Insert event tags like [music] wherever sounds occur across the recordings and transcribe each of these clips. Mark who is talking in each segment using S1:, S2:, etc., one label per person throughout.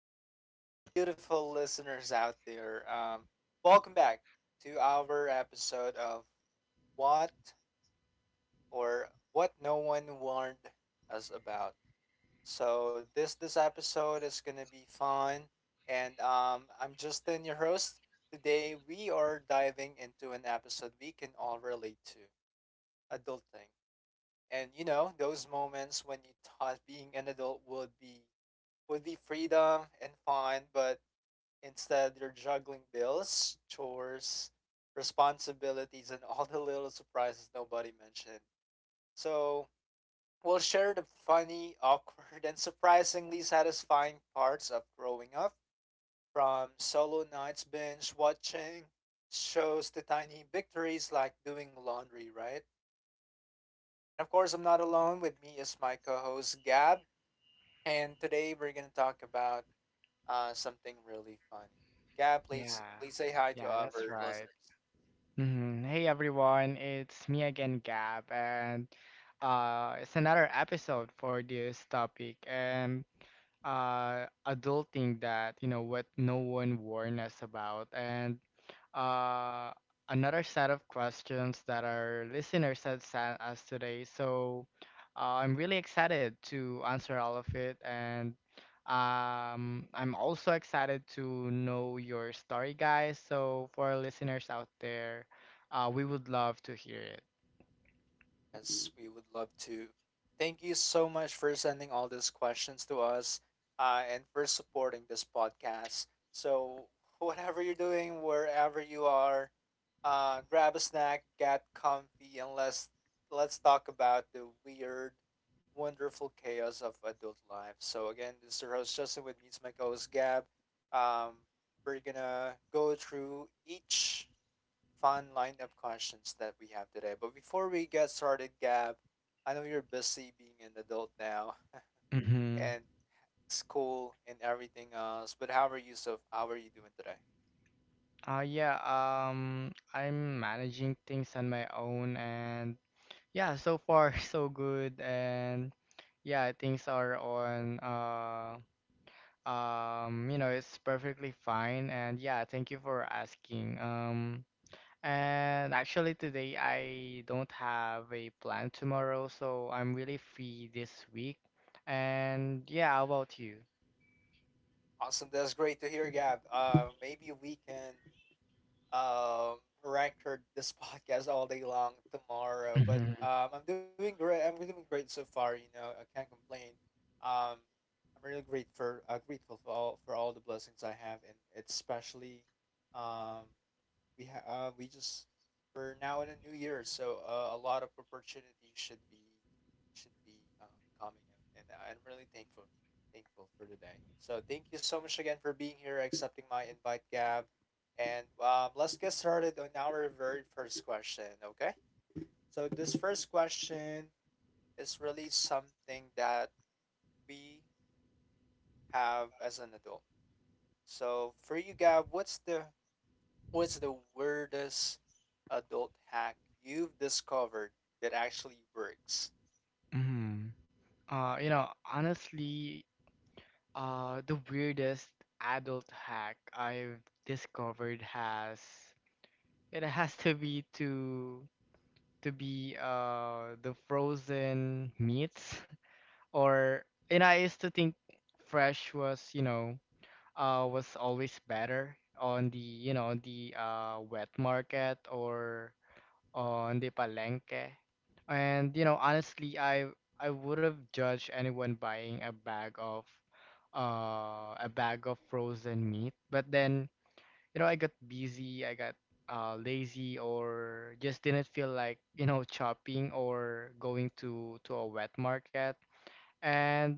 S1: of our beautiful listeners out there. Welcome back to our episode of What What No One Warned Us About. So this episode is gonna be fun, and I'm Justin, your host. Today we are diving into an episode we can all relate to, adulting, and you know those moments when you thought being an adult would be freedom and fun, but instead you're juggling bills, chores, responsibilities, and all the little surprises nobody mentioned. So we'll share the funny, [laughs] awkward, and surprisingly satisfying parts of growing up from solo nights, binge watching shows to tiny victories like doing laundry, right? And of course, I'm not alone. With me is my co host, Gab. And today we're going to talk about something really funny. Gab, please
S2: Yeah,
S1: please say hi to
S2: yeah,
S1: our
S2: that's right.
S1: listeners.
S2: Mhm. Hey everyone, it's me again, Gab, and it's another episode for this topic, and adulting that, you know what, no one warned us about. And uh, another set of questions that our listeners had sent us today. So I'm really excited to answer all of it, and I'm also excited to know your story, guys. So for our listeners out there, we would love to hear it.
S1: Yes, we would love to. Thank you so much for sending all these questions to us and for supporting this podcast. So, whatever you're doing, wherever you are, grab a snack, get comfy, and let's talk about the weird, wonderful chaos of adult life. So, again, this is your host Justin with me, is my co host Gab. Um, we're gonna go through each fun line of questions that we have today. But before we get started, Gab, I know you're busy being an adult now [laughs]
S2: Mm-hmm.
S1: and school and everything else, but how are you doing today?
S2: Yeah, I'm managing things on my own, and yeah, so far [laughs] so good, and yeah, things are on it's perfectly fine. And yeah, thank you for asking. And actually today I don't have a plan tomorrow, so I'm really free this week. And yeah, how about you?
S1: Awesome. That's great to hear, Gab. Maybe we can um record this [laughs] podcast all day long tomorrow. But
S2: Mm-hmm.
S1: I'm doing great. I'm doing great so far. You know, I can't complain. Um, I'm really grateful. Grateful for all the blessings I have, and especially um we ha- uh, we just we're now in a new year, so a lot of opportunities should be um, coming in, and I'm really thankful for today. So thank you so much again for being here, accepting my invite, Gab, and let's get started on our very first question. Okay, so this first question is really something that we have as an adult. So for you, Gab, what's the weirdest adult hack you've discovered that actually works?
S2: Mm-hmm. You know, honestly, the weirdest adult hack I've discovered has [laughs] to be to be the frozen meats. Or and I used to think fresh was you know was always better on the you know the wet market, or on the palenque. And honestly, I would have judged anyone buying a bag of frozen meat. But then, I got busy. I got lazy, or just didn't feel like, [laughs] chopping, or going to a wet market. And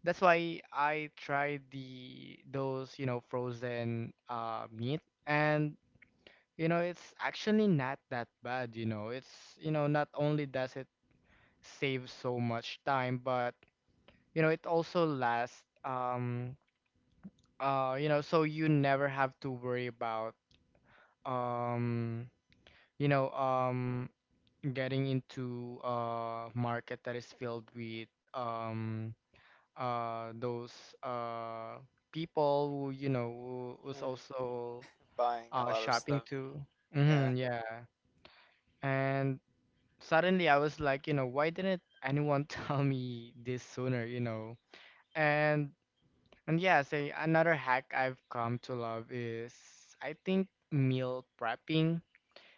S2: that's why I tried the those, you know, frozen meat. And it's actually not that bad. It's you know Not only does it save so much time, but it also lasts, so you never have to worry about, um you know um getting into a market that is filled with, those uh people who you know who was
S1: Mm,
S2: also
S1: buying a lot of
S2: shopping
S1: stuff.
S2: too.
S1: Yeah,
S2: Mm-hmm, yeah. And suddenly I was like, why didn't anyone [laughs] tell me this sooner? And and yeah, say another hack I've come to love is I think meal prepping.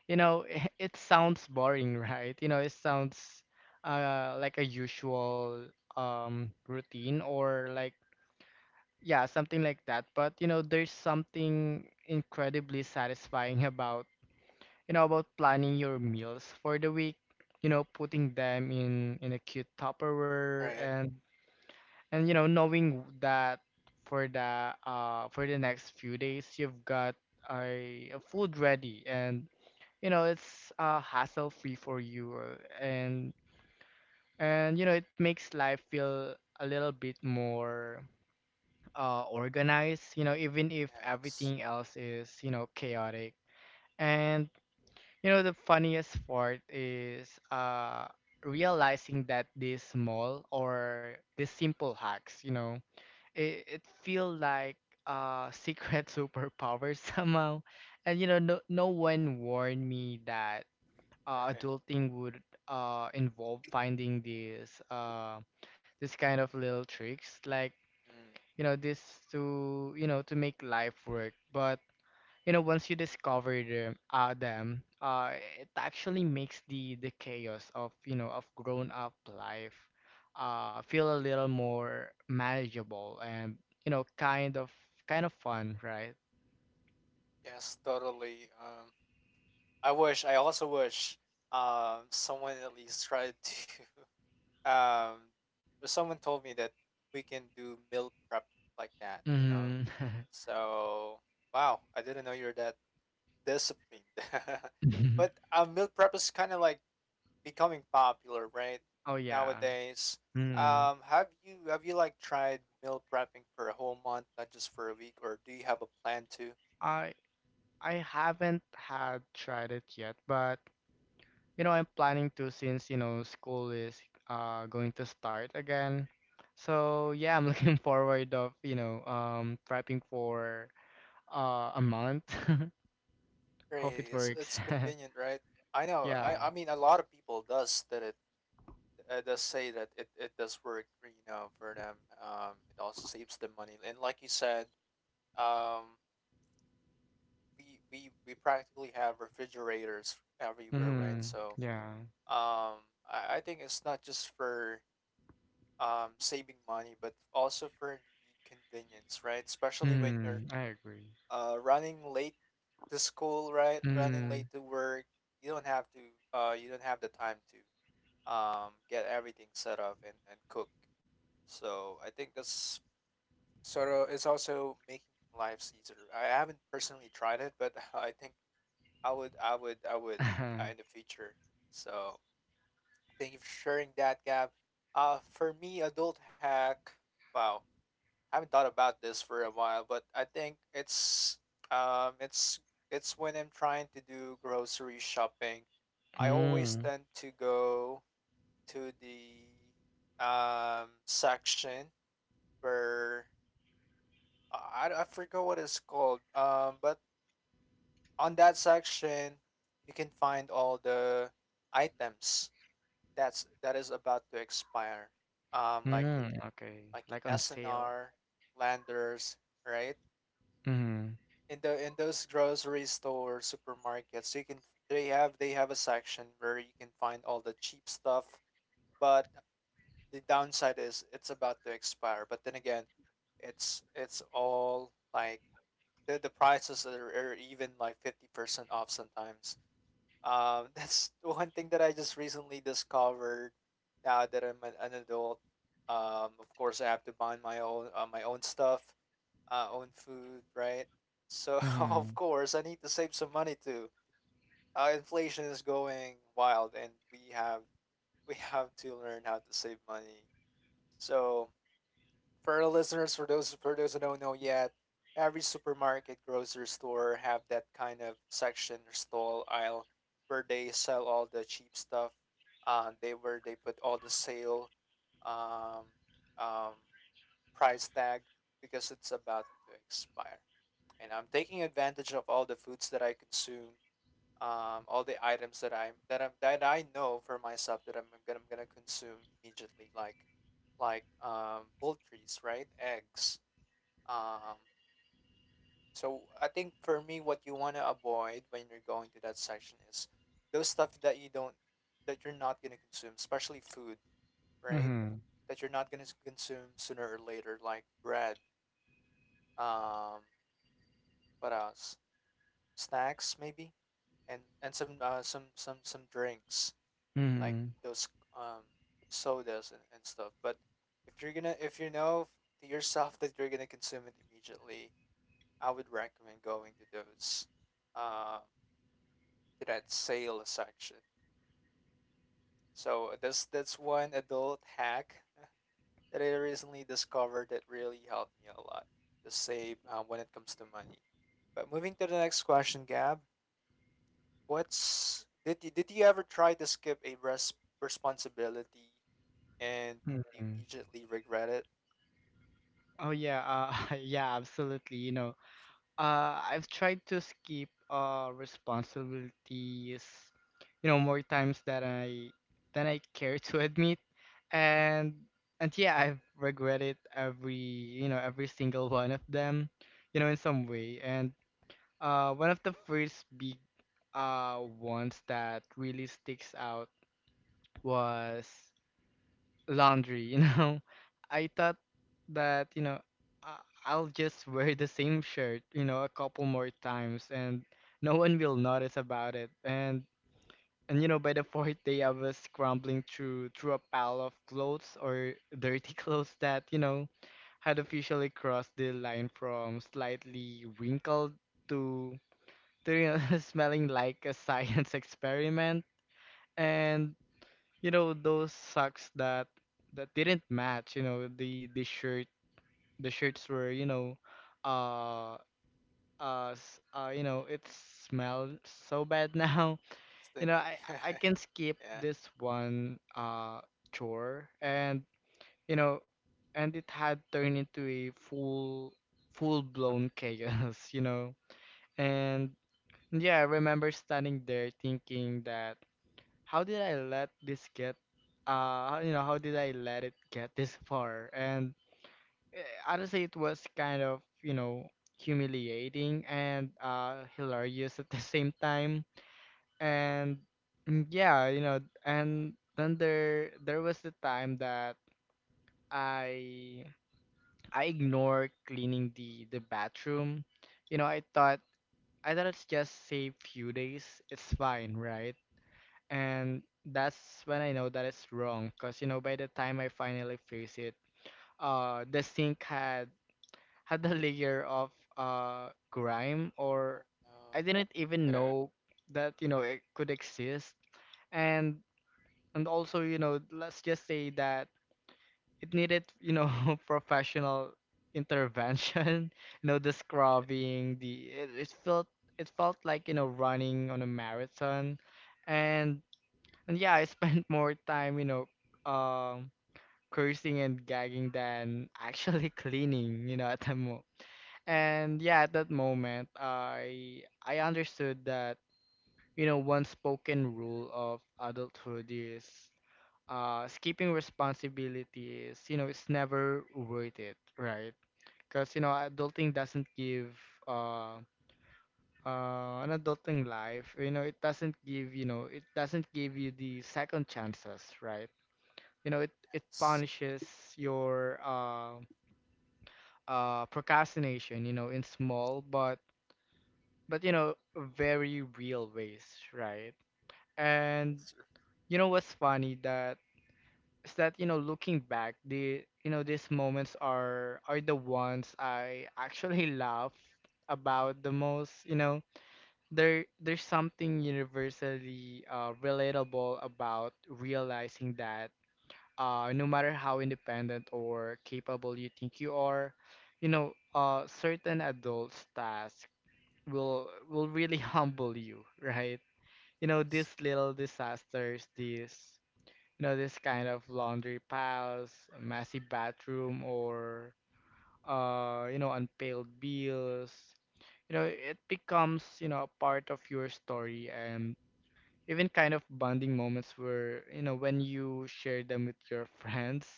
S2: You know, [laughs] it sounds boring, [laughs] right? You know, it sounds like a usual routine, or like, yeah, something like that. But, there's something incredibly satisfying [laughs] about planning your meals for the week, putting them in a cute Tupperware.
S1: right.
S2: And, knowing that for the, next few days you've got a food ready. And, it's hassle free for you, and it makes life feel a little bit more organized, even if
S1: Yes,
S2: everything else is, chaotic. And, the funniest part is, realizing that these small, or these simple hacks, it feel like secret [laughs] superpower somehow. And, no one warned me that
S1: right.
S2: adulting would, involve finding these, this kind of little tricks. Like,
S1: Mm,
S2: this, to you know to make life work. But once you discover them, it actually makes the chaos of, grown up life, feel a little more manageable, and you know kind of kind of fun, right?
S1: yes, totally. I also wish someone at least tried to, [laughs] um, but someone told me that we can do meal prep like that, you know?
S2: Hmm.
S1: So, wow, I didn't know you're that disciplined. [laughs] But
S2: [laughs]
S1: meal prep is kind of like becoming popular right
S2: Oh yeah.
S1: nowadays.
S2: Mm-hmm.
S1: Have you like tried meal prepping for a whole month, not just for a week, or do you have a plan to?
S2: i I haven't had tried it yet, but, I'm planning to, since, school is going to start again. So yeah, I'm looking [laughs] forward of, prepping for a month. [laughs] Hope it
S1: Right, it's
S2: works.
S1: it's
S2: [laughs]
S1: convenient, right? I know.
S2: Yeah.
S1: I mean, a lot of people does that. It does say that it does work, you know, for them. It also saves them money, and like you said, um, we practically have refrigerators everywhere, right?
S2: Mm-hmm.
S1: So,
S2: Yeah.
S1: I think it's not just for saving money, but also for the convenience, right? Especially when you're
S2: Mm, I agree.
S1: running late to school, right? Running late
S2: Mm.
S1: to work, you don't have to. You don't have the time to get everything set up and cook. So I think that's sort of it's also making lives easier. I haven't personally tried it, but [laughs] I think I would in the
S2: [laughs]
S1: future. So thank you for sharing that, Gab. For me, adult hack. Wow, haven't thought about this for a while, but I think it's um it's it's when I'm trying to do grocery shopping. I always
S2: Mm.
S1: tend to go to the section where I forgot what it's called. But on that section, you can find all the items that is about to expire. Um, like in
S2: Mm. Okay.
S1: like in
S2: Like on sale.
S1: SNR, Landers, right?
S2: Mm.
S1: In the in those grocery store supermarkets you can they have a section where you can find all the cheap stuff, but the downside is it's about to expire. But then again, it's all like the prices are even like 50% off sometimes. [laughs] That's one thing that I just recently discovered now that an adult. Um, of course I have to buy my own stuff, own food, right? So [laughs] of
S2: Mm.
S1: course, I need to save some money too. Inflation is going wild, and we have [laughs] we have to learn how to save money. So for our listeners, for those who don't know yet, every supermarket, grocery store have that kind of section or stall aisle where they sell all the cheap stuff. They where they put all the sale, um, um, price tag because it's about to expire, and I'm taking advantage of all the foods that I consume, all the items that I know for myself that I'm gonna consume immediately, like poultries, right? Eggs. Um, so I think for me, what you wanna avoid when you're going to that section is those stuff that you don't that you're not gonna consume, especially food, right?
S2: Mm.
S1: That you're not gonna consume sooner or later, like bread. Um, what else? Snacks maybe, and some some drinks like
S2: Mm.
S1: those um sodas and stuff. But if you're gonna if you know to yourself that you're gonna consume it immediately, I would recommend going to those um to that sale section. So that's one adult hack [laughs] that I recently discovered that really helped me a lot to save when it comes to money. But moving to the next question, Gab, what's did you ever try to skip a responsibility and you
S2: Mm.
S1: immediately regret it?
S2: Oh yeah, [laughs] yeah, absolutely. I've tried to skip responsibilities, more times than I care to [laughs] admit, and and yeah, I've regretted every you know every single one of them, in some way. And one of the first big, ones that really sticks out was laundry. [laughs] I thought that, I'll just wear the same shirt, a couple more times, and no one will notice about it. And by the fourth day I was scrambling through a pile of clothes, or dirty [laughs] clothes that, had officially crossed the line from slightly wrinkled to, to [laughs] smelling like a science [laughs] experiment. And those socks, that didn't match, the shirts were uh it smelled so bad now. [laughs]
S1: Stinky.
S2: I
S1: [laughs]
S2: i can skip
S1: Yeah.
S2: this one, chore. And you know and it had turned into a full blown chaos. [laughs] And yeah, I remember standing there thinking that, how did I let this get, how did I let it get this far. And honestly it was kind of, humiliating and hilarious at the [laughs] same time. And yeah, you know and then there was the time that I I ignored cleaning the bathroom. you know I thought I thought it's just say few days, it's fine, right? And that's when I know that it's wrong, because by the time I finally face it, the sink had [laughs] had a layer of grime,
S1: Oh
S2: or
S1: no.
S2: I didn't even
S1: Yeah.
S2: know that, it could exist. And and also, let's just say that it needed, [laughs] professional intervention. [laughs] The scrubbing, the it, it felt like, running on a marathon. And and yeah, I spent [laughs] more time, um, cursing and gagging than actually [laughs] cleaning, at that mo. And yeah, at that moment, I understood that, one spoken rule of adulthood is skipping responsibilities. You know, it's never worth it, right? Because, adulting doesn't give uh an adulting life, it doesn't give you the second chances, right? It
S1: Yes.
S2: punishes your, procrastination, in small, but very real ways, right? And, what's funny that is that, looking back, these moments are the ones I actually [laughs] laugh about the most. There's something universally, relatable about realizing that, no matter how independent or capable you think you are, certain adults' tasks will really [laughs] humble you, right? You know,
S1: Yes.
S2: these little disasters, this kind of laundry piles, messy bathroom, or, unpaid bills. You know, it becomes, a part of your story. And even kind of bonding moments where, when you share them with your [laughs] friends.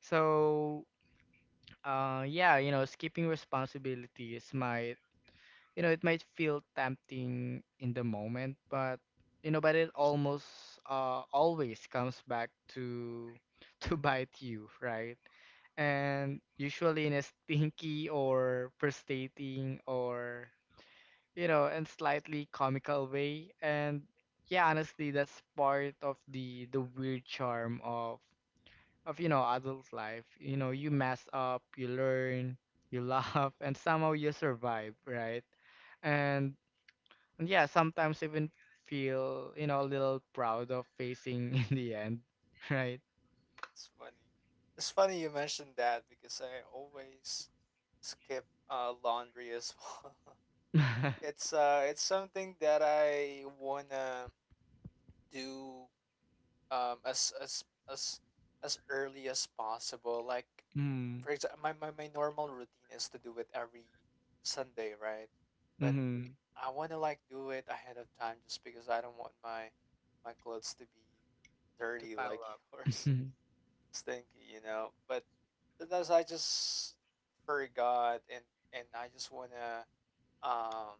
S2: So yeah, skipping responsibilities might you know it might feel tempting in the moment, but you know but it almost always comes back to [laughs] to bite you, right? And usually in a stinky or frustrating, or, in slightly comical way. And yeah, honestly, that's part of the weird charm of adult life. You know, you mess up, you learn, you [laughs] laugh, and somehow you survive, right? And, and yeah, sometimes even feel, a little proud of
S1: Mm,
S2: facing [laughs] in the end, right?
S1: it's funny. It's funny you mentioned that because I always skip laundry as well. [laughs]
S2: [laughs]
S1: It's something that I wanna do um as as as as early as possible. Like
S2: Mm,
S1: for example, my normal routine is to do it every Sunday, right? But
S2: mm-hmm.
S1: I want to like do it ahead of time just because I don't want my clothes to be
S2: To
S1: dirty
S2: pile
S1: like [laughs]
S2: up.
S1: yours
S2: [laughs]
S1: and stinky, you know. But sometimes I just forgot and I just want to um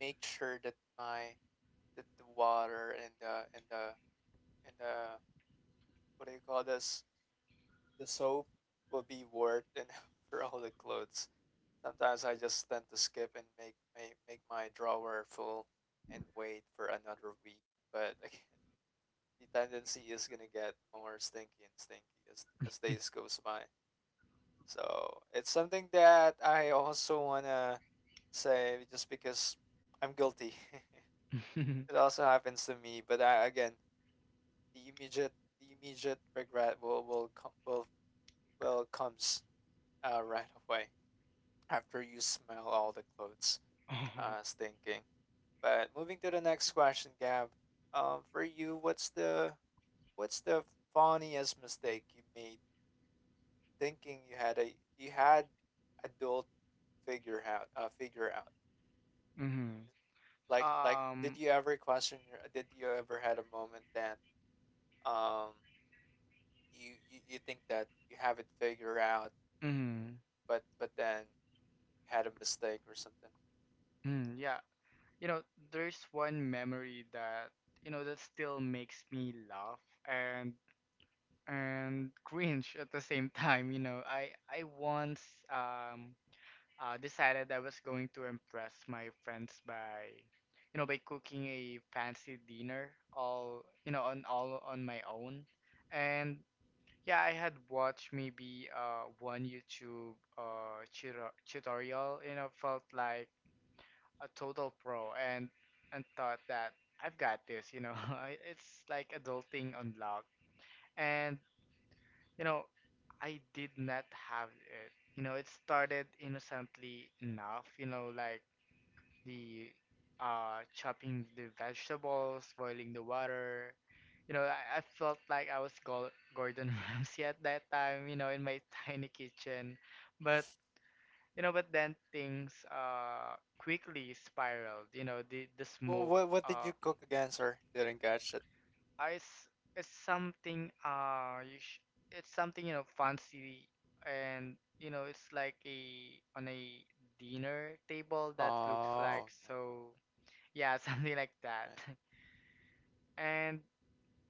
S1: make sure that my that the water and the what do you call this the soap will be worth enough [laughs] for all the clothes. Sometimes I just tend to skip and make my drawer full and wait for another week. But [laughs] again, the tendency is gonna get more stinky and stinky as days goes by. So it's something that I also wanna say just because I'm guilty.
S2: [laughs] Mm-hmm.
S1: [laughs] It also happens to me, but I, again, the immediate the immediate regret will comes right away after you smell all the clothes stinking. But moving to the next question, Gab. For you, what's the funniest mistake you made thinking you had a you had adult figure out figure out? Like did
S2: Um.
S1: you ever question your did you ever had a moment that um you think that you have it figured out
S2: Mm-hmm.
S1: but then you had a mistake or something?
S2: Mm, yeah. You know, there's one memory that, still makes me laugh and cringe at the same [laughs] time. I once, um decided I was going to impress my friends by, cooking a fancy dinner on all on my own. And yeah, I had watched maybe one YouTube tutorial, felt like a total pro, and thought that I've got this. [laughs] It's like adulting unlocked. And you know, I did not have it. You know, it started innocently enough, like the chopping the vegetables, boiling the water. You know, I felt like I was Gordon [laughs] Ramsay at that time, in my [laughs] tiny kitchen. But but then things quickly spiraled. You know, the
S1: Well,
S2: smoke
S1: what did
S2: uh
S1: you cook again, sir? Didn't catch it.
S2: is is something, you sh it's something fancy, and it's like a on a dinner table that looks like,
S1: Oh,
S2: so yeah, [laughs] something like that.
S1: okay. Right.
S2: [laughs] And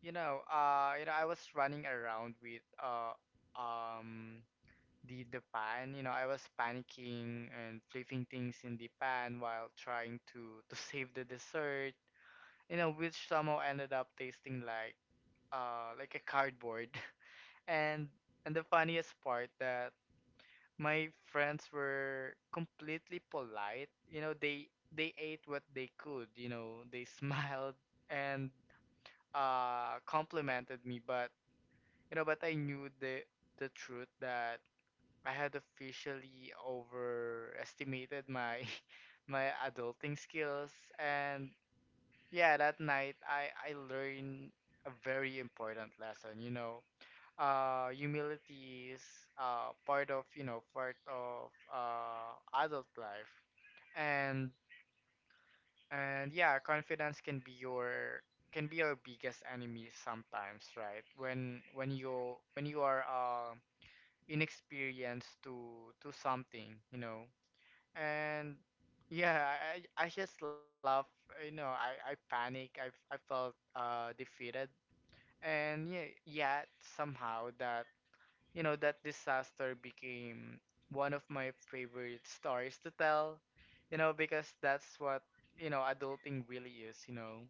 S2: I was running around with um the pan. I was panicking and flipping things in the pan while trying to save the dessert, which somehow ended up tasting like a cardboard. [laughs] and And the funniest part, that my friends were completely polite, they ate what they could, [laughs] they smiled and complimented me. But you know but I knew the truth, that I had officially overestimated my [laughs] my adulting skills. And yeah, that night I learned a very important lesson, Humility is part of, part of adult life. And and yeah, confidence can be your biggest enemy sometimes, right? When you are inexperienced to something, and yeah, I just laugh. I panic, I felt defeated. And yeah, yet somehow that, that disaster became one of my favorite stories to tell, because that's what, adulting really is,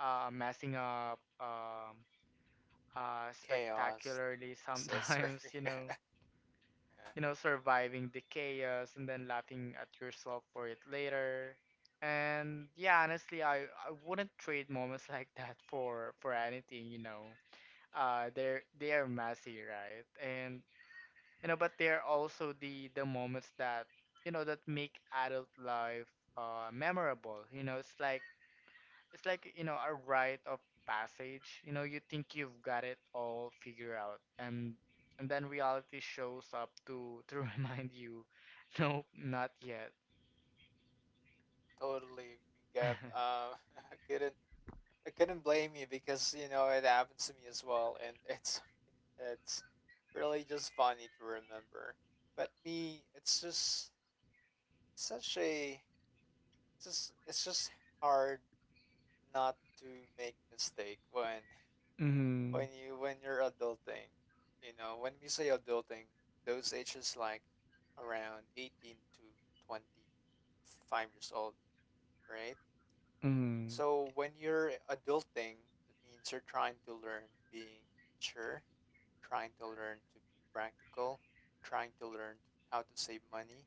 S2: messing up
S1: Chaos,
S2: spectacularly
S1: sister.
S2: sometimes, [laughs]
S1: [laughs] Yeah.
S2: you know, surviving the chaos and then laughing at yourself for it later. And yeah, honestly, I wouldn't trade moments [laughs] like that for anything, you know. They are messy, right? And you know, but they're also the moments that, that make adult life memorable. You know, it's like it's like, you know, a rite of passage. You know, you think you've got it all figured out, and then reality shows up to [laughs] remind you, nope, not yet.
S1: Totally agree, Gab.
S2: [laughs]
S1: [laughs] I couldn't I couldn't blame you because you know it happens to me as well, and [laughs] it's really just funny to remember. But me, it's just such a it's just hard not to make mistake
S2: Mm-hmm.
S1: when you when you're adulting. You know, when we say adulting, those ages like around 18 to 25 years old, right?
S2: Mm-hmm.
S1: So when you're adulting, that means you're trying to learn being mature, trying to learn to be practical, trying to learn how to save money,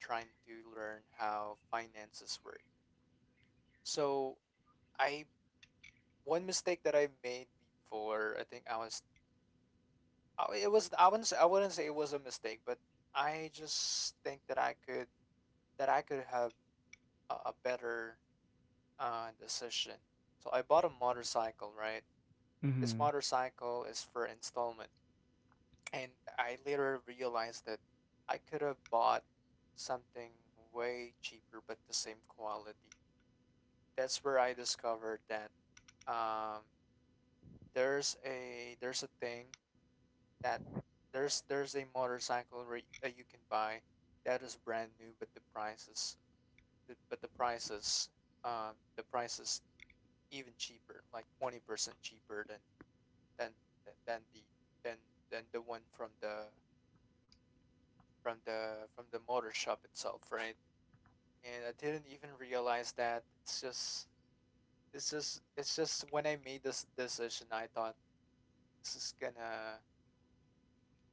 S1: trying to learn how finances work. So I one mistake that I made before, I think I- it was I wouldn't say it was a mistake, but I just think that I could have a better decision. So I bought a motorcycle, right? This
S2: Mm-hmm.
S1: motorcycle is for installment. And I later realized that I could have bought something way cheaper but the same quality. That's where I discovered that um, there's a thing that there's a that you can buy that is brand new but the prices the price is even cheaper, like 20% cheaper than than than the than than the one from the from the from the motor shop itself, right? And I didn't even realize that it's just when I made this decision, I thought this is gonna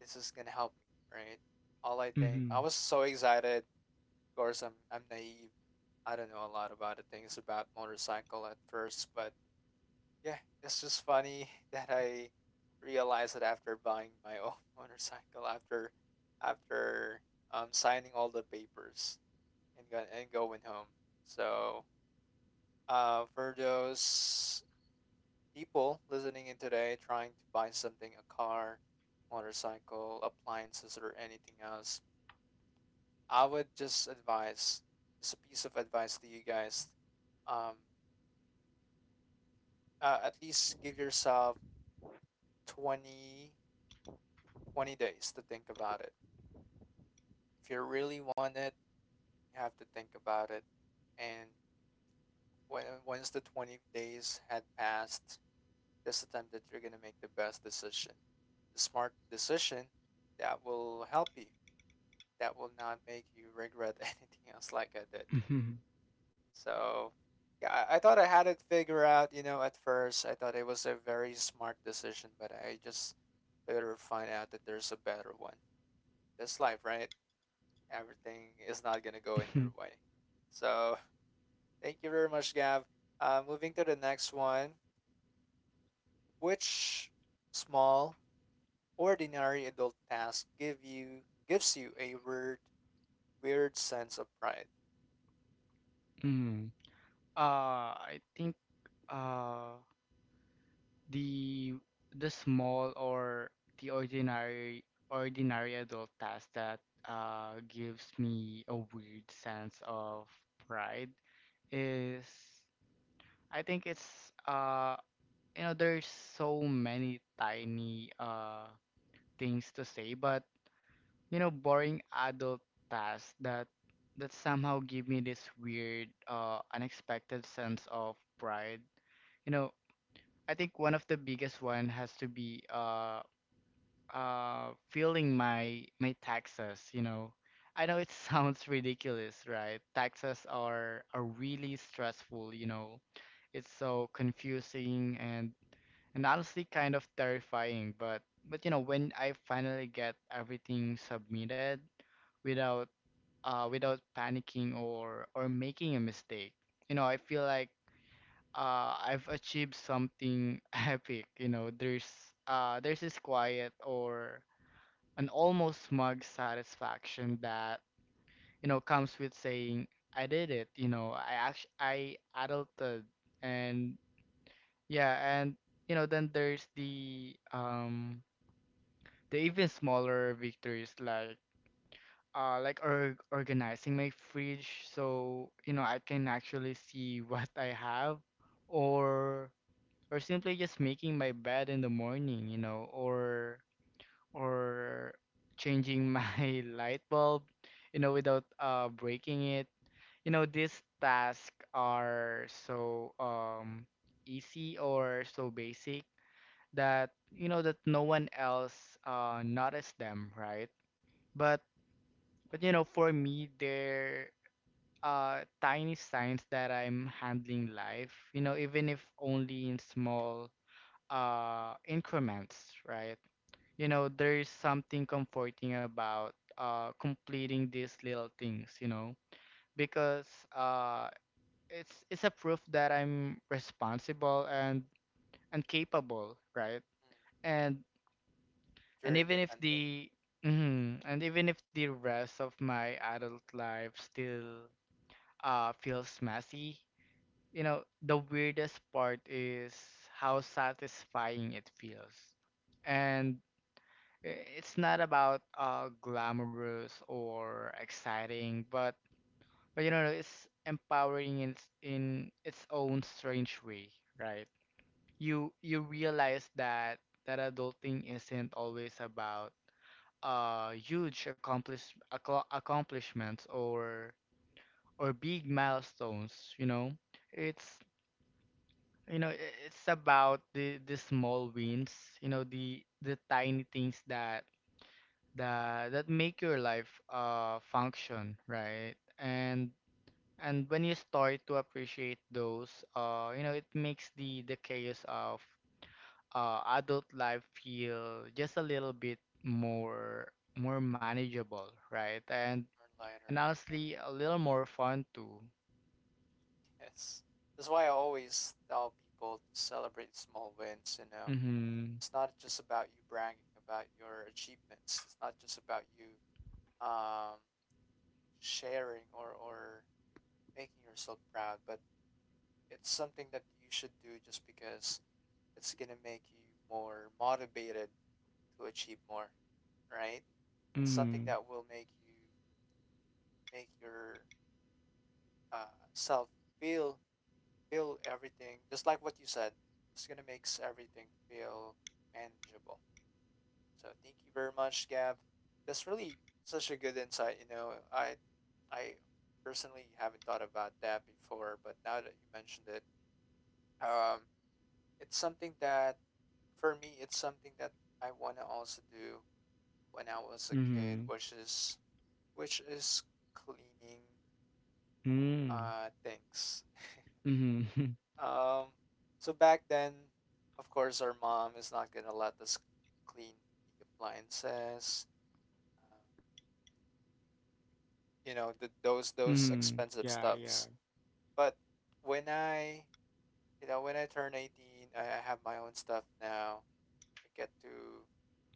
S1: this is gonna help me, right? All I think
S2: Mm-hmm.
S1: I
S2: [laughs]
S1: was so excited. Of course, I'm naive. I don't know a lot about the things about motorcycle at first, but yeah, it's just funny [laughs] that I realized that after buying my own [laughs] motorcycle, after signing all the papers, and going home. So for those people listening in today, trying to buy something, a car, motorcycle, appliances, or anything else, I would just advise, just a piece of advice to you guys, um, at least give yourself 20 20 days to think about it. If you really want it, you have to think about it. And when, once the 20 days had passed, that's the time that you're going to make the best decision. The smart decision that will help you, that will not make you regret [laughs] anything else like I did.
S2: Mm-hmm.
S1: So, yeah, I thought I had it figured out, you know, at first. I thought it was a very smart decision, but I just later find out that there's a better one. That's life, right? Everything is
S2: Mm-hmm.
S1: not going to go in your way. So, thank you very much, Gav. Moving to the next one. Which small ordinary adult task gives you a weird sense of pride.
S2: Mm-hmm. I think, uh the the small or the ordinary ordinary adult task that gives me a weird sense of pride is, I think it's you know, there's so many tiny things to say, but, you know, boring adult tasks that somehow give me this weird unexpected sense of pride. You know, I think one of the biggest one has to be filling my taxes. You know, I know it [laughs] sounds ridiculous, right? Taxes are really stressful, you know. It's so confusing and honestly kind of terrifying, but you know, when I finally get everything submitted without without panicking or making a mistake, you know, I feel like I've achieved something [laughs] epic. There's this quiet or an almost smug satisfaction that, you know, comes with saying, I did it. You know, I actually, I adulted. And yeah and you know, then there's the even smaller victories, like or organizing my fridge so, you know, I can actually see [laughs] what I have, or simply just making my bed in the morning, you know, or or changing my [laughs] light bulb, you know, without breaking it. You know, these tasks are so easy or so basic that, you know, that no one else noticed them, right? But you know, for me, they're tiny signs that I'm handling life. You know, even if only in small increments, right? You know, there is something comforting about completing these little things, you know, because uh it's a proof that I'm responsible and capable, right?
S1: Mm.
S2: And and
S1: You're
S2: even if
S1: independent.
S2: the mhm, and even if the rest of my adult life still feels messy, you know, the weirdest part is how satisfying it feels. And it's not about glamorous or exciting, but you know, it's empowering in its own strange way, right? You realize that adulting isn't always about huge accomplishments or big milestones. You know, it's, you know, it's about the small wins. You know, the tiny things that that make your life function, right? And when you start to appreciate those, you know, it makes the chaos of adult life feel just a little bit more more manageable, right? And
S1: Or lighter.
S2: and
S1: Yeah.
S2: honestly, a little more fun too.
S1: Yes. That's why I always tell people to celebrate small wins, you know.
S2: Mhm.
S1: It's not just about you bragging about your achievements. It's not just about you um sharing or making yourself proud, but it's something that you should do just because it's going to make you more motivated to achieve more, right? Something
S2: Mhm.
S1: that will make you make your uh, self feel feel everything just like what you said, it's gonna makes everything feel manageable. So thank you very much, Gab. That's really such a good insight, you know. I personally haven't thought about that before, but now that you mentioned it, um it's something that for me, it's something that I want to also do when I was a kid,
S2: Mhm.
S1: which is which is cleaning.
S2: Mhm.
S1: Thanks.
S2: Mhm. [laughs]
S1: Um, so back then, of course, our mom is not gonna let us clean the appliances, uh, you know, those
S2: Mhm.
S1: expensive
S2: Yeah, yeah.
S1: stuffs. But when you know, when I turn 18, I have my own stuff now. I get to,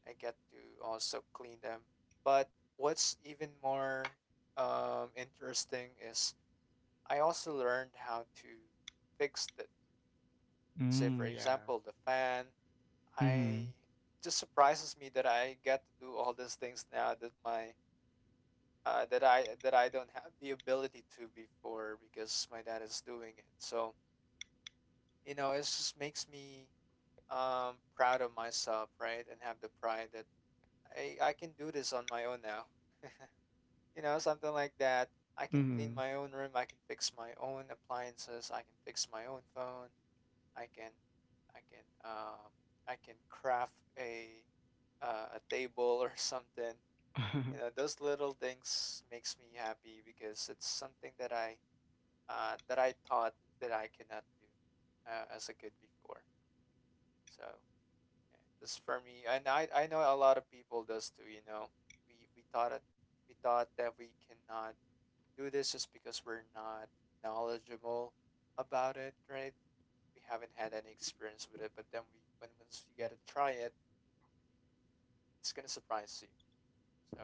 S1: I get to also clean them. But what's even more interesting is I also learned how to fix it. Say, for
S2: Mm, yeah.
S1: example, the fan, I
S2: Mhm.
S1: just surprises me that I get to do all these things now that my that I don't have the ability to before because my dad is doing it. So you know, it just makes me proud of myself, right? And have the pride that I can do this on my own now. You know, something like that. I can clean
S2: Mhm.
S1: my own room. I can fix my own appliances. I can fix my own phone. I can I can um I can craft a table [laughs] or something. You know,
S2: [laughs]
S1: those little things makes me happy because it's something that I thought that I cannot do as a kid before. So yeah, this for me, and I know a lot of people does too. You know, we thought it we thought that we cannot do this just because we're not knowledgeable about it, right? We haven't had any experience with it, but then we when once you get to try it, it's gonna surprise you. So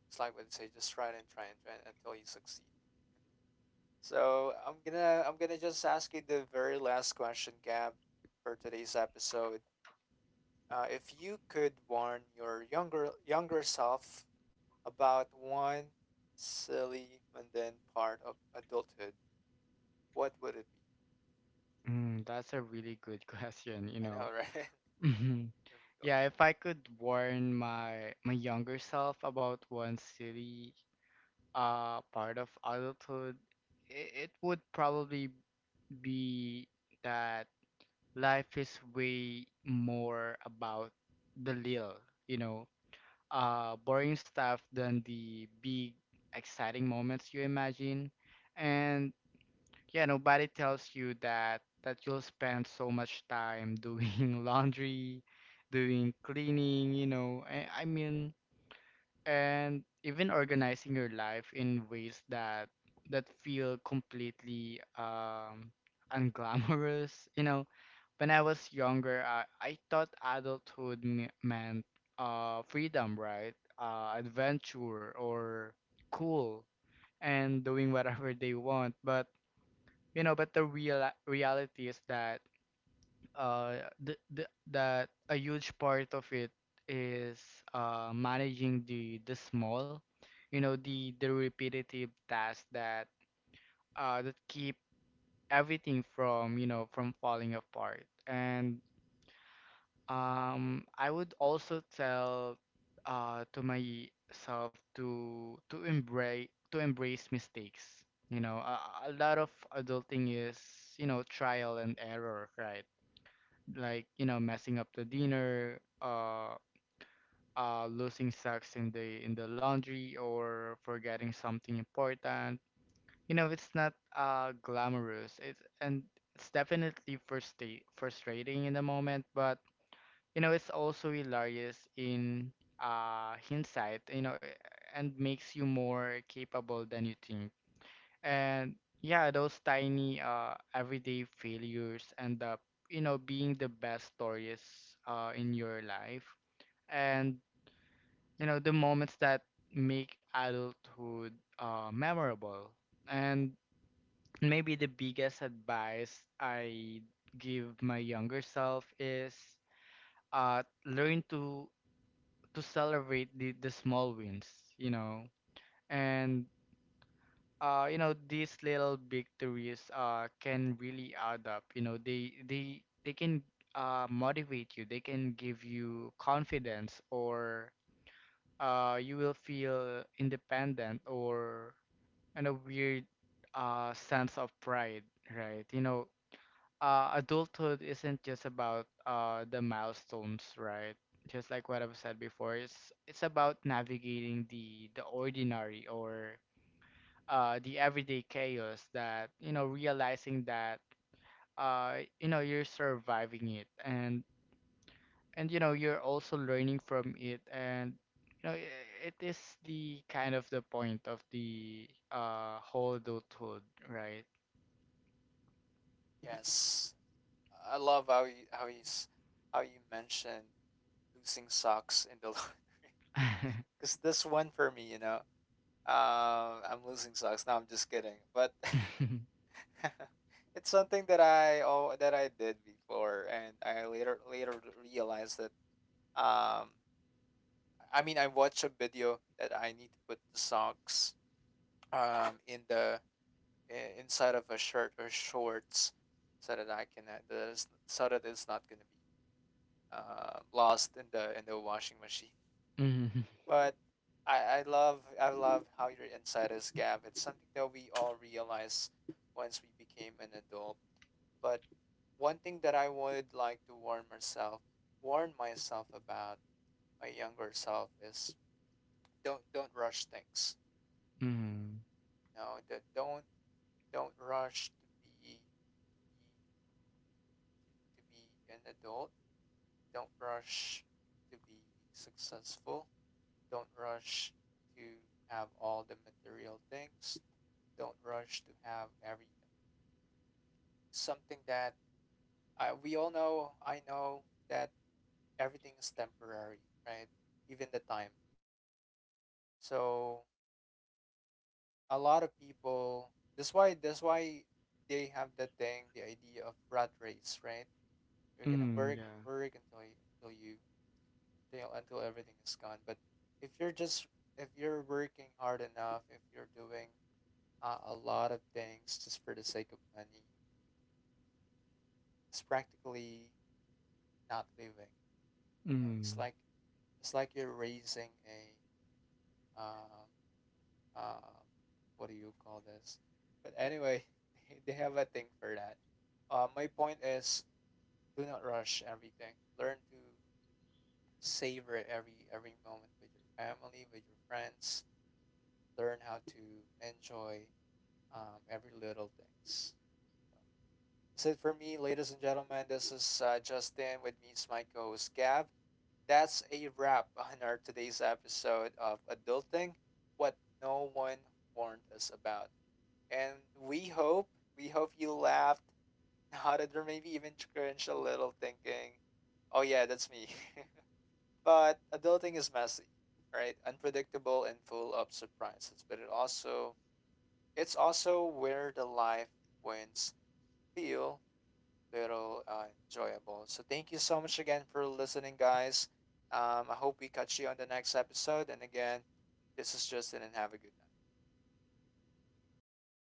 S1: it's like what they say, just try it and try it until you succeed. So I'm gonna just ask you the very last question, Gab, for today's episode. If you could warn your younger self about one silly mundane part of adulthood, what would it be?
S2: Mm, that's a really good [laughs] question, you
S1: I
S2: know.
S1: know, right? [laughs]
S2: Mhm.
S1: Difficult.
S2: Yeah, if I could warn my younger self about one silly part of adulthood, it would probably be that life is way more about the little, you know, boring stuff than the big exciting moments you imagine. And yeah, nobody tells you that you'll spend so much time doing [laughs] laundry, doing cleaning, you know. I mean, and even organizing your life in ways that feel completely unglamorous, [laughs] you know. When I was younger, I thought adulthood me meant freedom, right? Adventure or cool and doing whatever they want, but, you know, but the real reality is that uh the, the, that a huge part of it is managing the small, you know, the repetitive tasks that that keep everything from, you know, from falling apart. And I would also tell to myself to embrace, to embrace mistakes. You know, a lot of adulting is, you know, trial and error, right? Like, you know, messing up the dinner, losing socks in the laundry, or forgetting something important. You know, it's not glamorous. It's definitely frustrate frustrating in the moment, but, you know, it's also hilarious in hindsight, you know, and makes you more capable than you think. And yeah, those tiny everyday failures end up, you know, being the best stories in your life. And, you know, the moments that make adulthood memorable. And maybe the biggest advice I give my younger self is learn to celebrate the small wins, you know. And you know, these little victories can really add up. You know, they they can motivate you. They can give you confidence or you will feel independent or and a weird sense of pride, right? You know, adulthood isn't just about the milestones, right? Just like what I've said before, it's about navigating the ordinary or the everyday chaos, that, you know, realizing that you know, you're surviving it, and you know, you're also learning from it, and you know, it is the kind of the point of the whole adulthood, right?
S1: Yes. I love how you, how you mentioned losing socks in the [laughs]
S2: [laughs]
S1: because this one for me, you know, I'm losing socks. No, I'm just kidding. But
S2: Mm-hmm.
S1: [laughs] it's something that I oh that I did before, and I later realized that um, I mean, I watched a video that I need to put the socks in the inside of a shirt or shorts so that I can so that it's not gonna be lost in the washing machine.
S2: Mm-hmm.
S1: But I love how your insight is, Gav. It's something that we all realize once we became an adult. But one thing that I would like to warn myself about my younger self is don't rush things. No, don't rush to be to be to be an adult. Don't rush to be successful. Don't rush to have all the material things. Don't rush to have everything. Something that we all know, I know that everything is temporary, right? Even the time. So a lot of people. That's why. That's why they have that thing, the idea of rat race, right? You're gonna
S2: Mm-hmm.
S1: work and
S2: Yeah.
S1: work until until you until everything is gone. But if you're just if you're working hard enough, if you're doing a lot of things just for the sake of money. It's practically not living. You know,
S2: 嗯，
S1: it's like you're raising a um, um, what do you call this? But anyway, [laughs] they have a thing for that. My point is, do not rush everything. Learn to savor every moment with your family, with your friends. Learn how to enjoy every little things. That's it for me, ladies and gentlemen. This is Justin. With me is my co-host Gav. That's a wrap on our today's episode of Adulting, what no one warned us about. And we hope, we hope you laughed, [laughs] nodded, or maybe even cringed a little, thinking, "Oh yeah, that's me." [laughs] But adulting is messy, right? Unpredictable and full of surprises. But it's also where the life wins feel little enjoyable. So thank you so much again for listening, guys. I hope we catch you on the next episode. And again, this is Justin, and have a good night.